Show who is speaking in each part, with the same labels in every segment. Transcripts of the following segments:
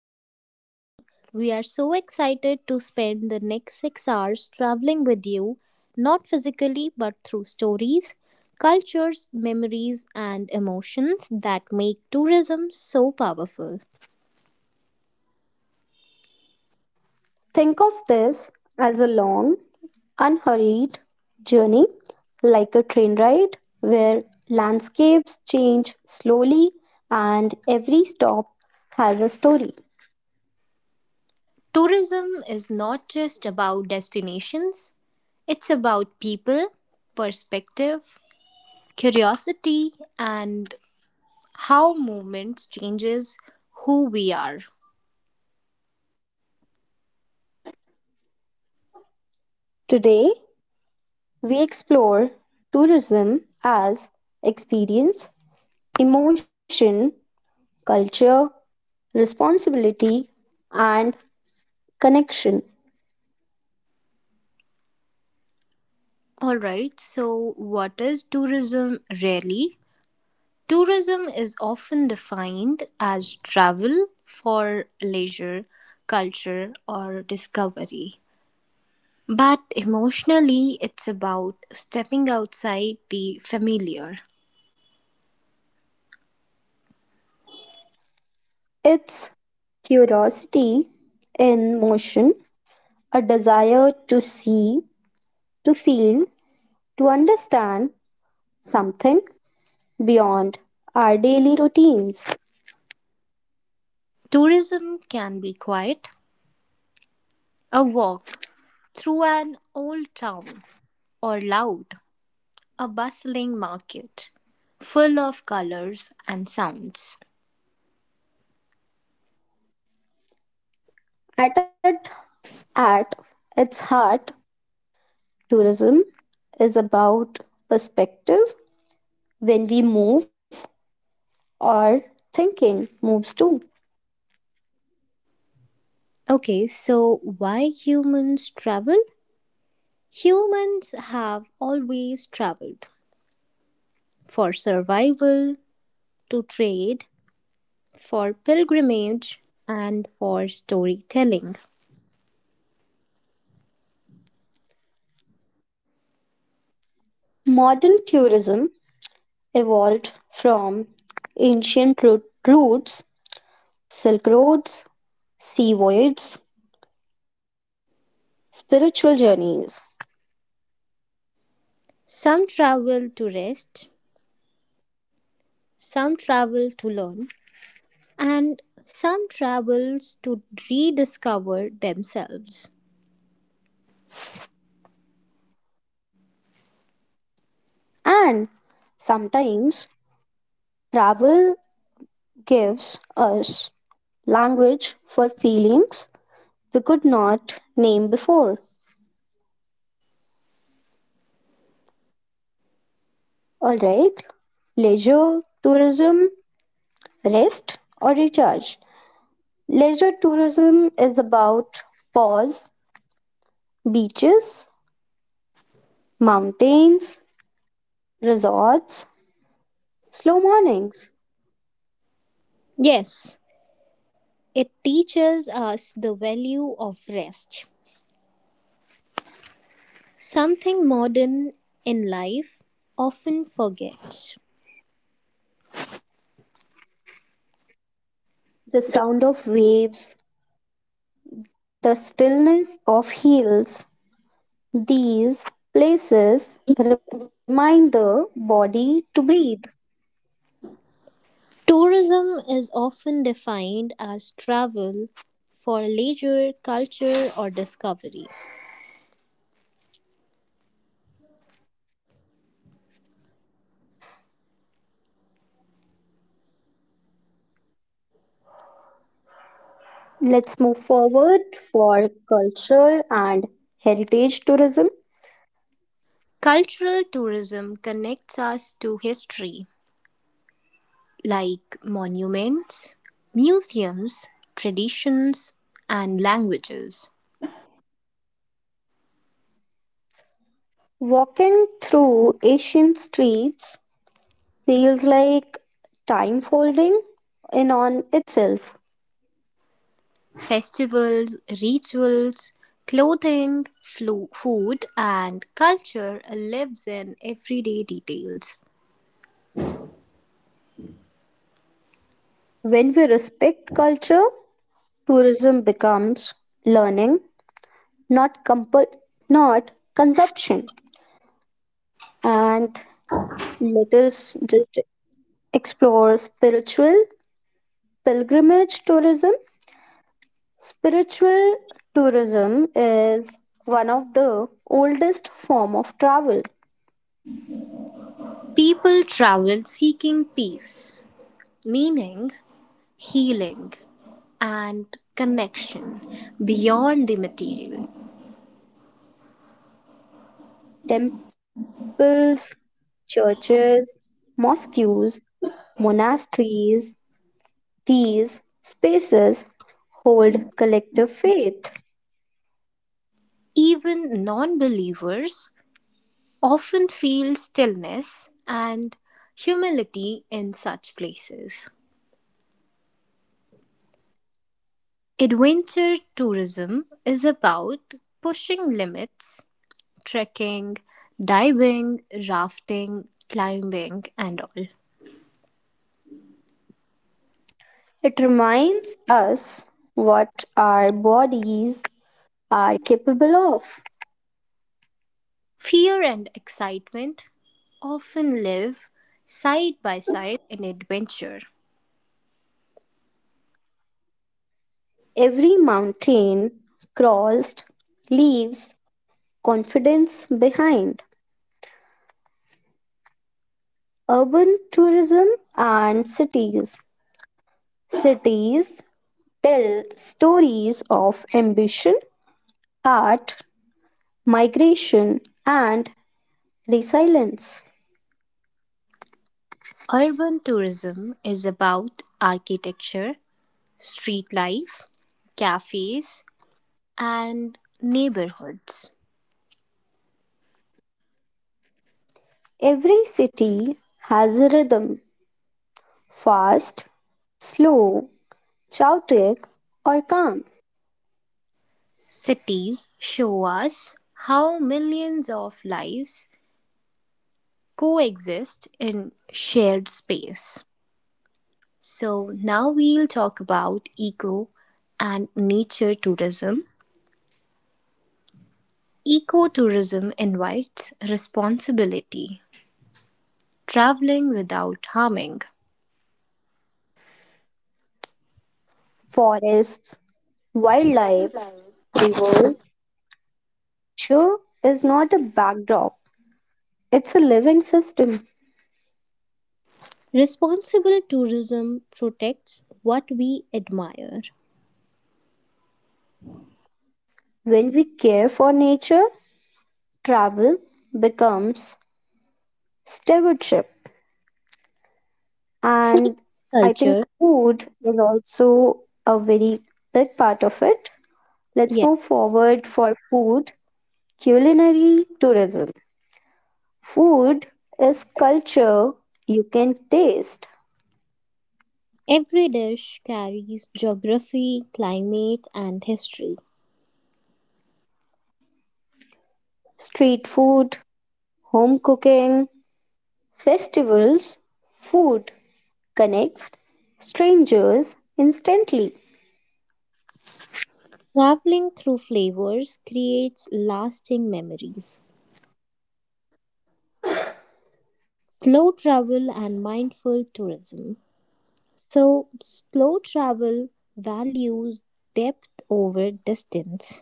Speaker 1: And I'm Pragati. We are so excited to spend the next 6 hours traveling with you, not physically but through stories, cultures, memories, and emotions that make tourism so powerful.
Speaker 2: Think of this as a long, unhurried journey, like a train ride where landscapes change slowly and every stop has a story.
Speaker 1: Tourism is not just about destinations, it's about people, perspective, curiosity, and how movement changes who we are.
Speaker 2: Today, we explore tourism as experience, emotion, culture, responsibility, and connection.
Speaker 1: All right, so what is tourism really? Tourism is often defined as travel for leisure, culture, or discovery. But emotionally, it's about stepping outside the familiar.
Speaker 2: It's curiosity in motion, a desire to see, to feel, to understand something beyond our daily routines.
Speaker 1: Tourism can be quiet, a walk through an old town, or loud, a bustling market full of colors and sounds.
Speaker 2: At, it, at its heart, tourism is about perspective when we move our thinking moves too.
Speaker 1: Okay, so why humans travel? Humans have always traveled for survival, to trade, for pilgrimage, and for storytelling.
Speaker 2: Modern tourism evolved from ancient ro- routes, silk roads, sea voyages, spiritual journeys,
Speaker 1: Some travel to rest, some travel to learn, and some travels to rediscover themselves.
Speaker 2: and sometimes travel gives us language for feelings we could not name before. Alright, leisure, tourism, rest, or recharge. Leisure tourism is about pause, beaches, mountains, resorts, slow mornings,
Speaker 1: Yes, it teaches us the value of rest, something modern in life often forgets.
Speaker 2: the sound of waves, the stillness of hills, these places remind the body to breathe.
Speaker 1: Tourism is often defined as travel for leisure, culture, or discovery.
Speaker 2: Let's move forward for cultural and heritage tourism.
Speaker 1: Cultural tourism connects us to history, like monuments, museums, traditions, and languages,
Speaker 2: Walking through Asian streets feels like time folding in on itself.
Speaker 1: festivals, rituals, clothing, food, and culture lives in everyday details.
Speaker 2: When we respect culture, tourism becomes learning, not comfort, not consumption. And let us just explore spiritual pilgrimage tourism. Spiritual tourism is one of the oldest form of travel.
Speaker 1: People travel seeking peace, meaning, healing and connection beyond the material.
Speaker 2: Temples, churches, mosques, monasteries, these spaces hold collective faith.
Speaker 1: Even non believers often feel stillness and humility in such places. Adventure tourism is about pushing limits, trekking, diving, rafting, climbing, and all.
Speaker 2: It reminds us what our bodies are capable of.
Speaker 1: Fear and excitement often live side by side in adventure.
Speaker 2: Every mountain crossed leaves confidence behind. Urban tourism and cities. Cities tell stories of ambition, art, migration, and resilience.
Speaker 1: Urban tourism is about architecture, street life, cafes, and neighborhoods.
Speaker 2: Every city has a rhythm fast, slow, chaotic, or calm.
Speaker 1: Cities show us how millions of lives coexist in shared space. So, now we'll talk about eco and nature tourism. Ecotourism invites responsibility, traveling without harming.
Speaker 2: Forests, wildlife, rivers. Nature is not a backdrop, it's a living system.
Speaker 1: Responsible tourism protects what we admire.
Speaker 2: When we care for nature, travel becomes stewardship.
Speaker 1: Food
Speaker 2: And I think
Speaker 1: culture,
Speaker 2: food is also a very big part of it. Let's
Speaker 1: yeah.
Speaker 2: move forward for food, culinary tourism. Food is culture you can taste.
Speaker 1: Every dish carries geography, climate, and history.
Speaker 2: Street food, home cooking, festivals, food connects strangers instantly.
Speaker 1: Traveling through flavors creates lasting memories. Slow travel and mindful tourism. So, slow travel values depth over distance.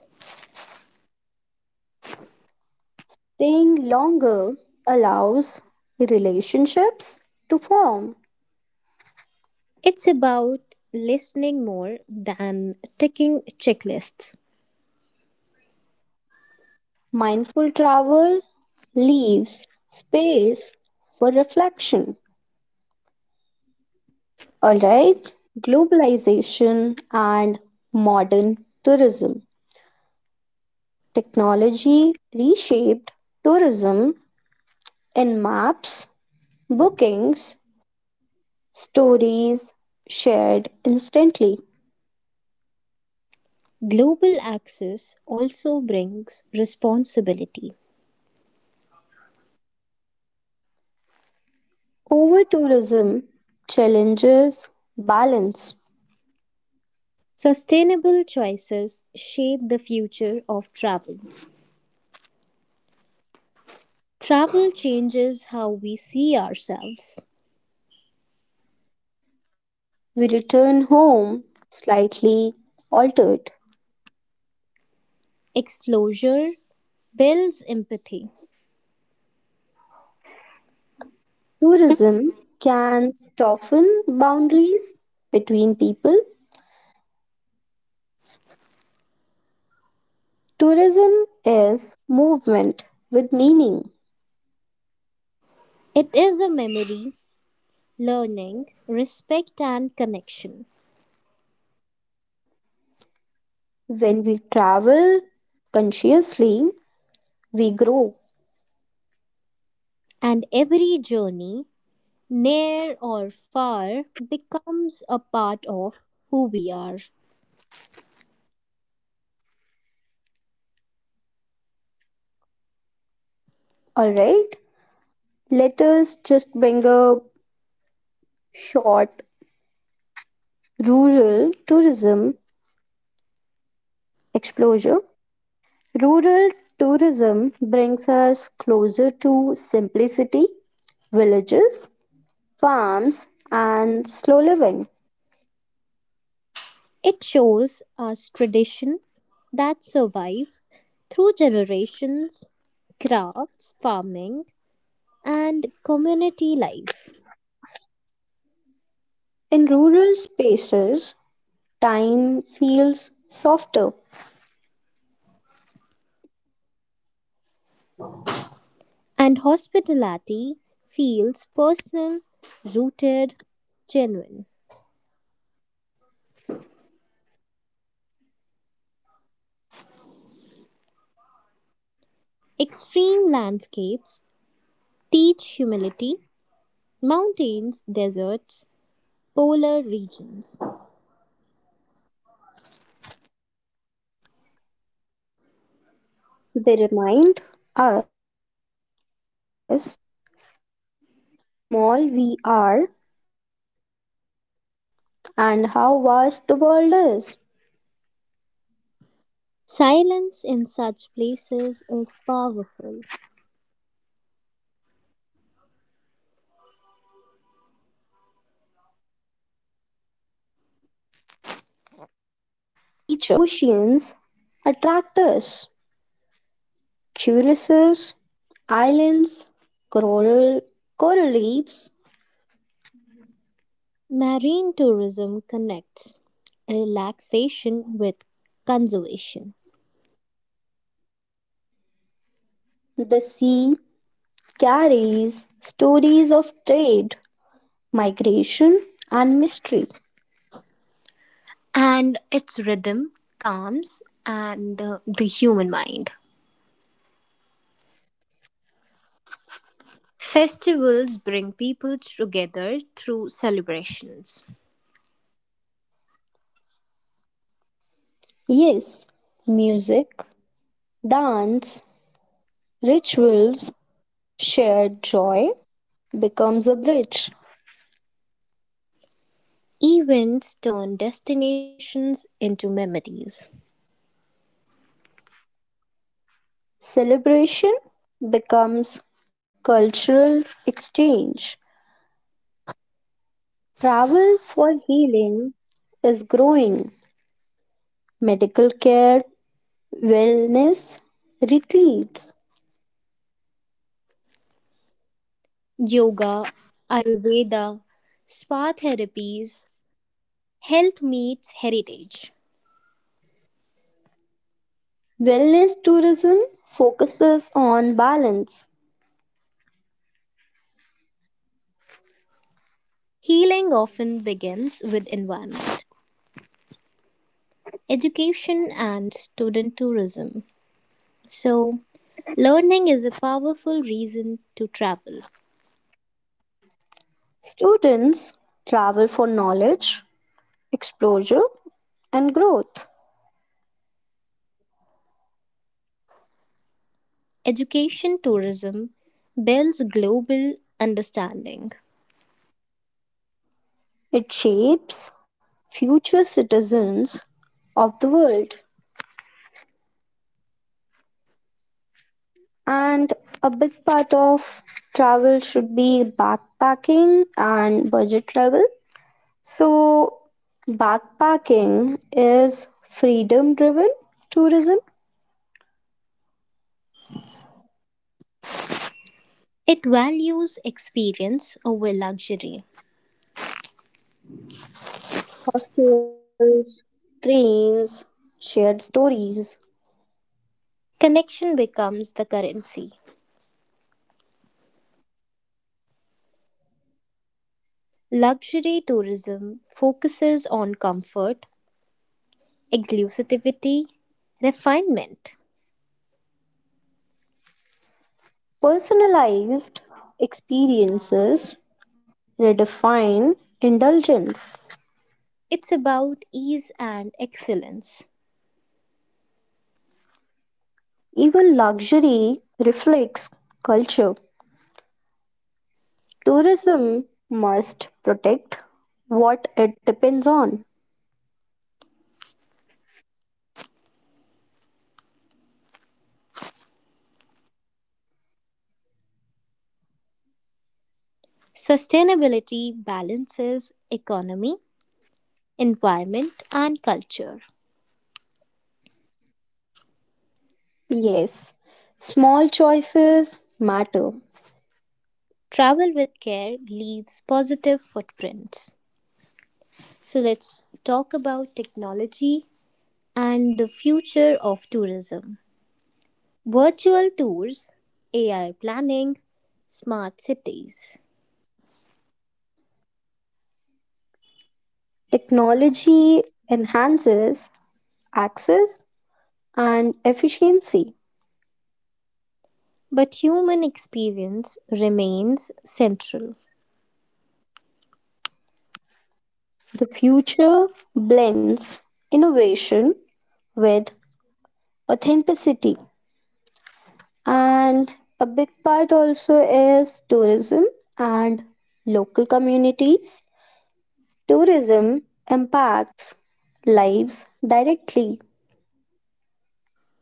Speaker 2: Staying longer allows relationships to form.
Speaker 1: It's about listening more than ticking checklists.
Speaker 2: Mindful travel leaves space for reflection. Alright, globalization and modern tourism. Technology reshaped tourism in maps, bookings, stories shared instantly.
Speaker 1: Global access also brings responsibility.
Speaker 2: Over tourism challenges balance.
Speaker 1: Sustainable choices shape the future of travel. Travel changes how we see ourselves.
Speaker 2: We return home slightly altered.
Speaker 1: Exposure builds empathy.
Speaker 2: Tourism can soften boundaries between people. Tourism is movement with meaning.
Speaker 1: It is a memory, learning, respect, and connection.
Speaker 2: When we travel consciously, we grow.
Speaker 1: And every journey, near or far, becomes a part of who we are.
Speaker 2: Alright, let us just bring a short rural tourism exposure. Rural tourism brings us closer to simplicity, villages, farms, and slow living.
Speaker 1: It shows us tradition that survive through generations, crafts, farming, and community life.
Speaker 2: In rural spaces, time feels softer.
Speaker 1: And hospitality feels personal, rooted, genuine. Extreme landscapes teach humility, mountains, deserts, polar regions.
Speaker 2: They remind us how small we are and how vast the world is.
Speaker 1: Silence in such places is powerful.
Speaker 2: Nature becomes the teacher. Also, oceans attract us. Curiouses, islands, coral, coral reefs.
Speaker 1: Marine tourism connects relaxation with conservation,
Speaker 2: The sea carries stories of trade, migration, and mystery.
Speaker 1: and its rhythm calms and the human mind. Festivals bring people together through celebrations.
Speaker 2: Yes, music, dance, rituals, shared joy becomes a bridge.
Speaker 1: Events turn destinations into memories.
Speaker 2: Celebration becomes cultural exchange. Travel for healing is growing. Medical care, wellness, retreats.
Speaker 1: Yoga, Ayurveda, spa therapies, health meets heritage.
Speaker 2: Wellness tourism focuses on balance.
Speaker 1: Healing often begins with environment. Education and student tourism. So, learning is a powerful reason to travel.
Speaker 2: Students travel for knowledge, exposure, and growth.
Speaker 1: Education tourism builds global understanding,
Speaker 2: It shapes future citizens of the world. And a big part of travel should be backpacking and budget travel. So, backpacking is freedom driven tourism,
Speaker 1: it values experience over luxury.
Speaker 2: hostels, trains, shared stories,
Speaker 1: Connection becomes the currency. Luxury tourism focuses on comfort, exclusivity, refinement.
Speaker 2: personalized experiences, redefine indulgence.
Speaker 1: It's about ease and excellence.
Speaker 2: Even luxury reflects culture. Tourism must protect what it depends on.
Speaker 1: Sustainability balances economy, environment, and culture.
Speaker 2: Yes, small choices matter.
Speaker 1: Travel with care leaves positive footprints. So let's talk about technology and the future of tourism. Virtual tours, AI planning, smart cities.
Speaker 2: Technology enhances access and efficiency.
Speaker 1: But human experience remains central.
Speaker 2: The future blends innovation with authenticity. And a big part also is tourism and local communities. Tourism impacts lives directly.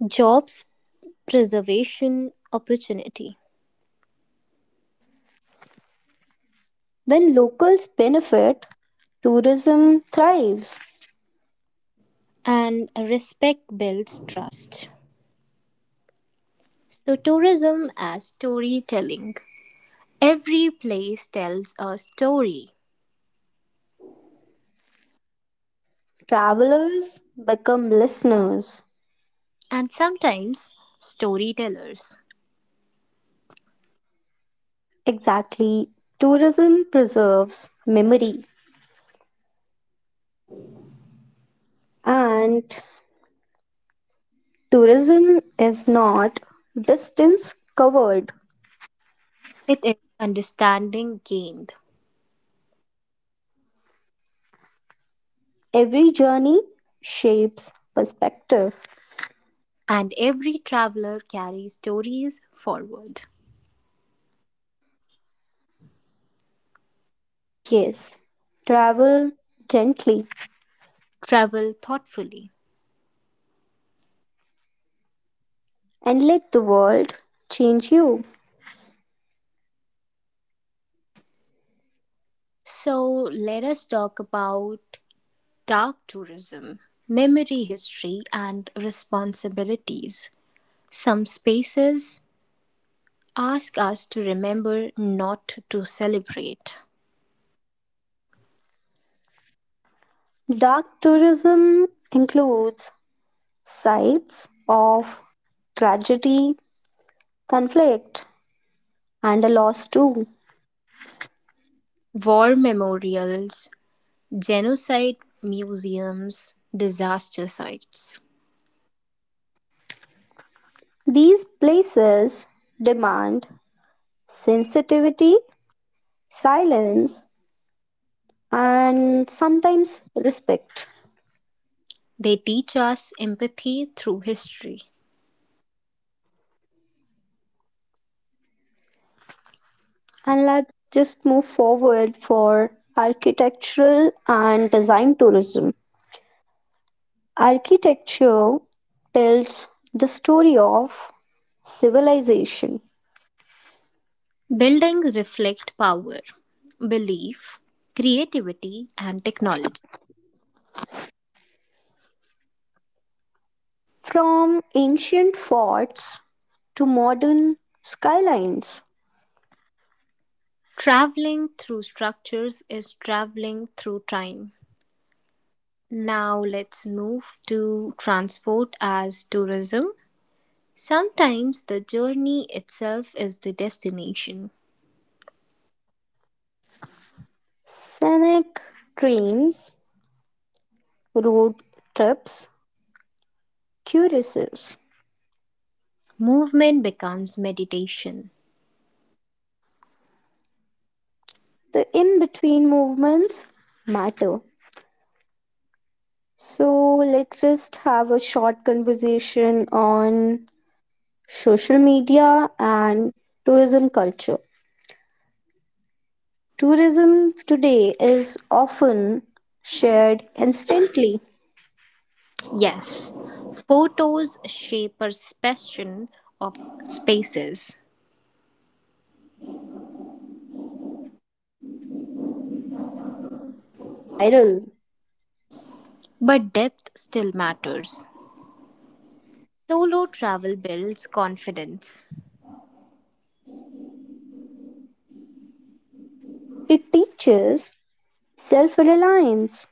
Speaker 1: Jobs preservation opportunity
Speaker 2: When locals benefit, tourism thrives.
Speaker 1: and respect builds trust. So tourism as storytelling. Every place tells a story,
Speaker 2: Travelers become listeners.
Speaker 1: and sometimes storytellers.
Speaker 2: Exactly. Tourism preserves memory. And tourism is not distance covered.
Speaker 1: It is understanding gained,
Speaker 2: Every journey shapes perspective.
Speaker 1: and every traveler carries stories forward.
Speaker 2: Yes, travel gently
Speaker 1: Travel thoughtfully.
Speaker 2: and let the world change you.
Speaker 1: So, let us talk about dark tourism, memory history, and responsibilities. Some spaces ask us to remember not to celebrate.
Speaker 2: Dark tourism includes sides of tragedy, conflict, and a loss too.
Speaker 1: War memorials, genocide museums, disaster sites.
Speaker 2: These places demand sensitivity, silence, and sometimes respect.
Speaker 1: They teach us empathy through history.
Speaker 2: And let's just move forward for architectural and design tourism. Architecture tells the story of civilization.
Speaker 1: Buildings reflect power, belief, creativity, and technology.
Speaker 2: From ancient forts to modern skylines,
Speaker 1: Traveling through structures is traveling through time. Now let's move to transport as tourism. Sometimes the journey itself is the destination.
Speaker 2: scenic trains, road trips, curiouses.
Speaker 1: Movement becomes meditation.
Speaker 2: The in between movements matter. So, let's just have a short conversation on social media and tourism culture. Tourism today is often shared instantly.
Speaker 1: Yes, photos shape perception of spaces,
Speaker 2: Yes, beauty goes viral.
Speaker 1: but depth still matters. Solo travel builds confidence.
Speaker 2: It teaches self reliance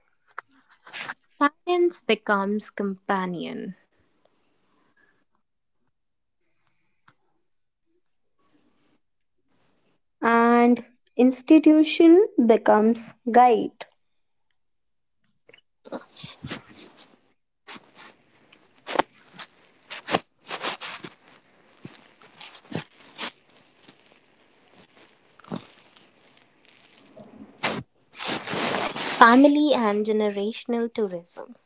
Speaker 1: Silence becomes companion.
Speaker 2: and institution becomes guide.
Speaker 1: Family and generational tourism.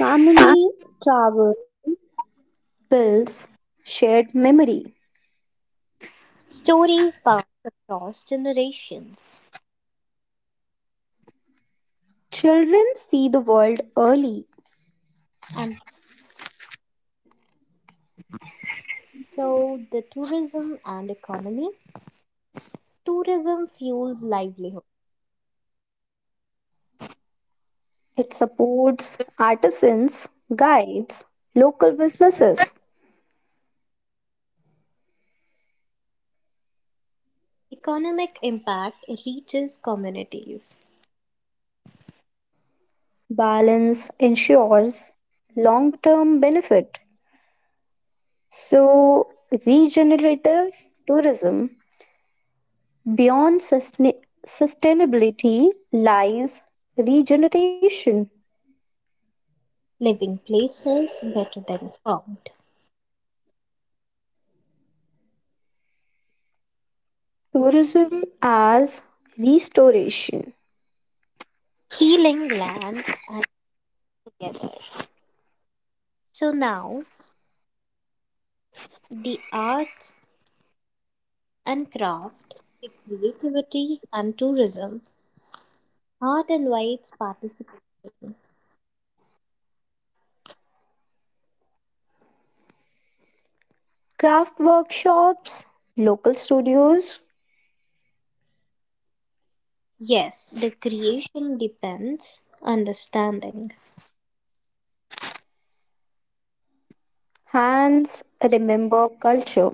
Speaker 2: Family travel builds shared memory.
Speaker 1: Stories pass across generations.
Speaker 2: Children see the world early.
Speaker 1: And so the tourism and economy. Tourism fuels livelihood.
Speaker 2: It supports artisans, guides, local businesses.
Speaker 1: Economic impact reaches communities.
Speaker 2: Balance ensures long term benefit. So, regenerative tourism. Beyond sustain- sustainability lies regeneration,
Speaker 1: Living places better than found,
Speaker 2: tourism as restoration,
Speaker 1: healing land and together. So now the art and craft, the creativity and tourism, art invites participation.
Speaker 2: craft workshops, local studios,
Speaker 1: Yes, the creation depends understanding.
Speaker 2: hands remember culture.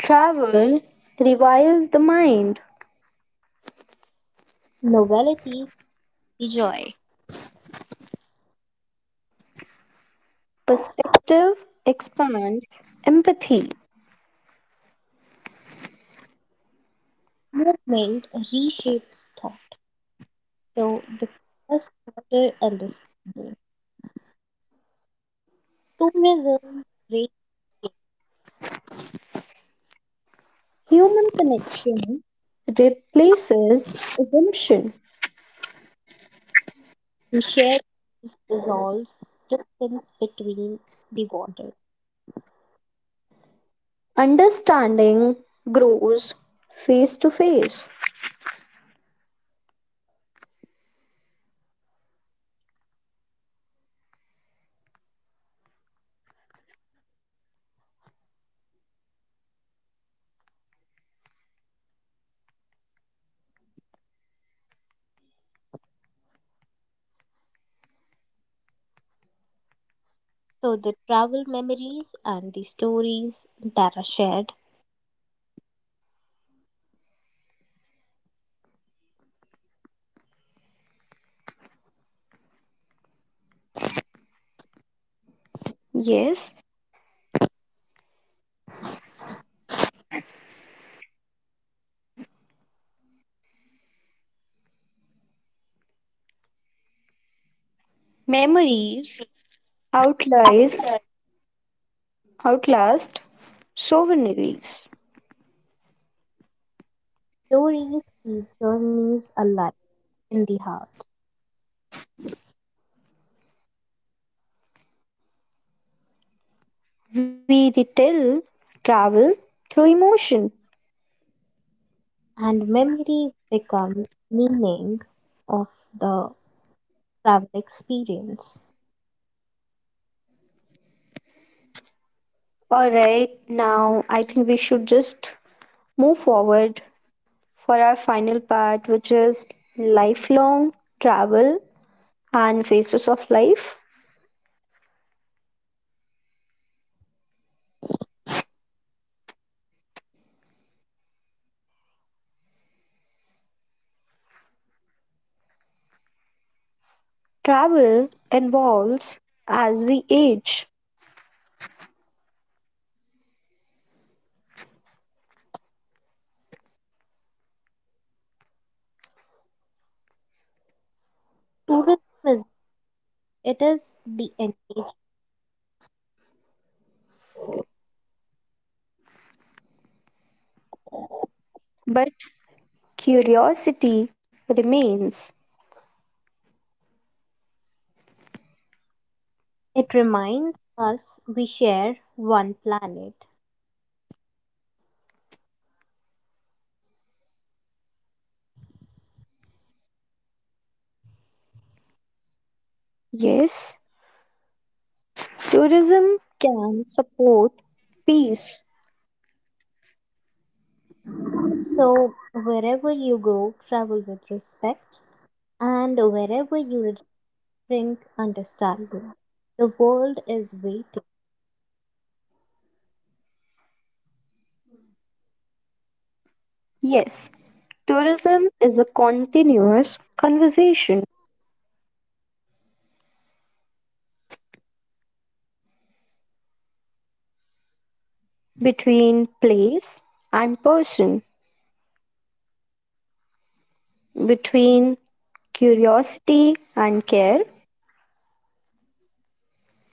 Speaker 2: Travel revives the mind,
Speaker 1: Novelty is the joy.
Speaker 2: perspective expands empathy,
Speaker 1: Movement reshapes thought. So the first order understanding. Tourism creates
Speaker 2: human connection replaces assumption,
Speaker 1: the shared dissolves distance between the water.
Speaker 2: understanding grows face to face.
Speaker 1: So the travel memories and the stories that are shared.
Speaker 2: Yes, memories outlast,
Speaker 1: Okay.
Speaker 2: outlast souvenirs.
Speaker 1: Stories keep journeys alive in the heart,
Speaker 2: We retell travel through emotion.
Speaker 1: and memory becomes meaning of the travel experience.
Speaker 2: All right, now I think we should just move forward for our final part, which is lifelong travel and phases of life. Travel evolves as we age,
Speaker 1: Tourism is it is the engine.
Speaker 2: but curiosity remains.
Speaker 1: It reminds us we share one planet.
Speaker 2: Yes, tourism can support peace.
Speaker 1: So wherever you go, travel with respect. And wherever you bring understanding. The world is waiting.
Speaker 2: Yes, tourism is a continuous conversation between place and person, between curiosity and care.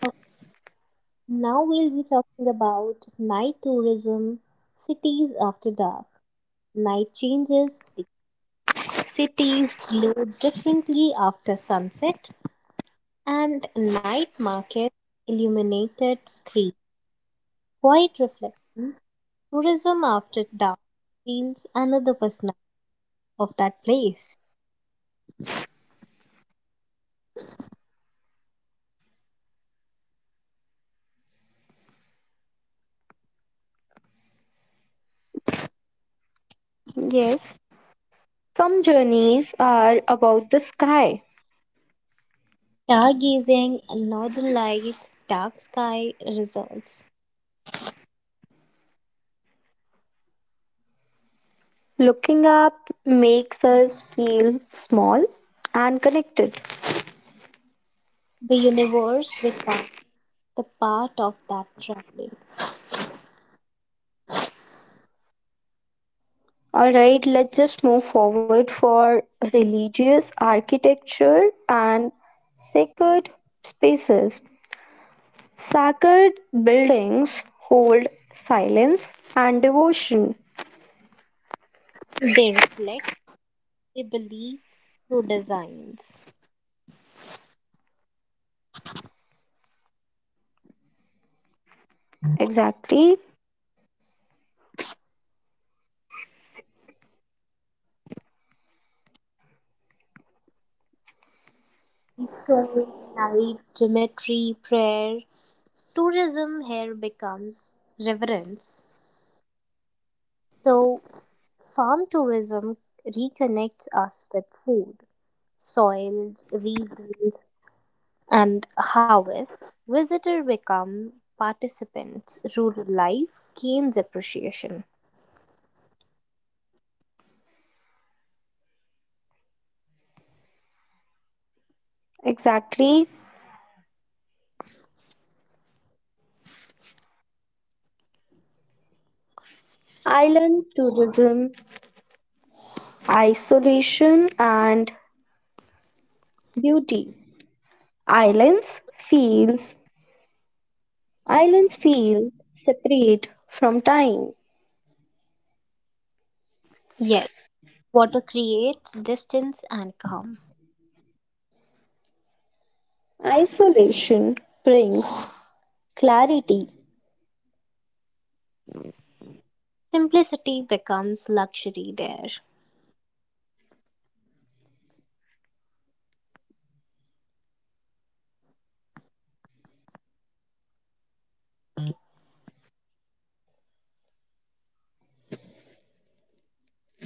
Speaker 1: Okay, now we'll be talking about night tourism, cities after dark. Night changes, cities glow differently after sunset, and night market, illuminated street, quiet reflections. Tourism after dark reveals another personality of that place.
Speaker 2: Yes, some journeys are about the sky.
Speaker 1: Stargazing, northern lights, dark sky resolves.
Speaker 2: Looking up makes us feel small and connected.
Speaker 1: The universe becomes the part of that traveling.
Speaker 2: All right, let's just move forward for religious architecture and sacred spaces. Sacred buildings hold silence and devotion.
Speaker 1: They reflect, they believe through designs.
Speaker 2: Exactly,
Speaker 1: Story, light, geometry, prayer. Tourism here becomes reverence. So, farm tourism reconnects us with food, soils, reasons, and harvest. Visitors become participants. Rural life gains appreciation.
Speaker 2: exactly. Island tourism, isolation and beauty. Islands feels, Islands feel separate from time.
Speaker 1: Yes. Water creates distance and calm.
Speaker 2: Isolation brings clarity.
Speaker 1: Simplicity becomes luxury there.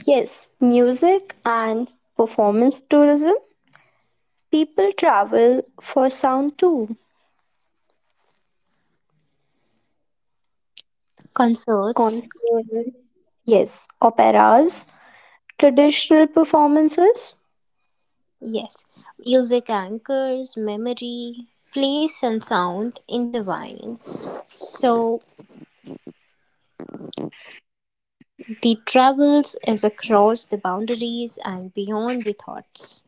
Speaker 2: Yes, music and performance tourism. People travel for sound too.
Speaker 1: Concerts,
Speaker 2: Concerts, yes, operas, traditional performances,
Speaker 1: yes. Music anchors, memory, place and sound intertwine. So the travels is across the boundaries and beyond the thoughts.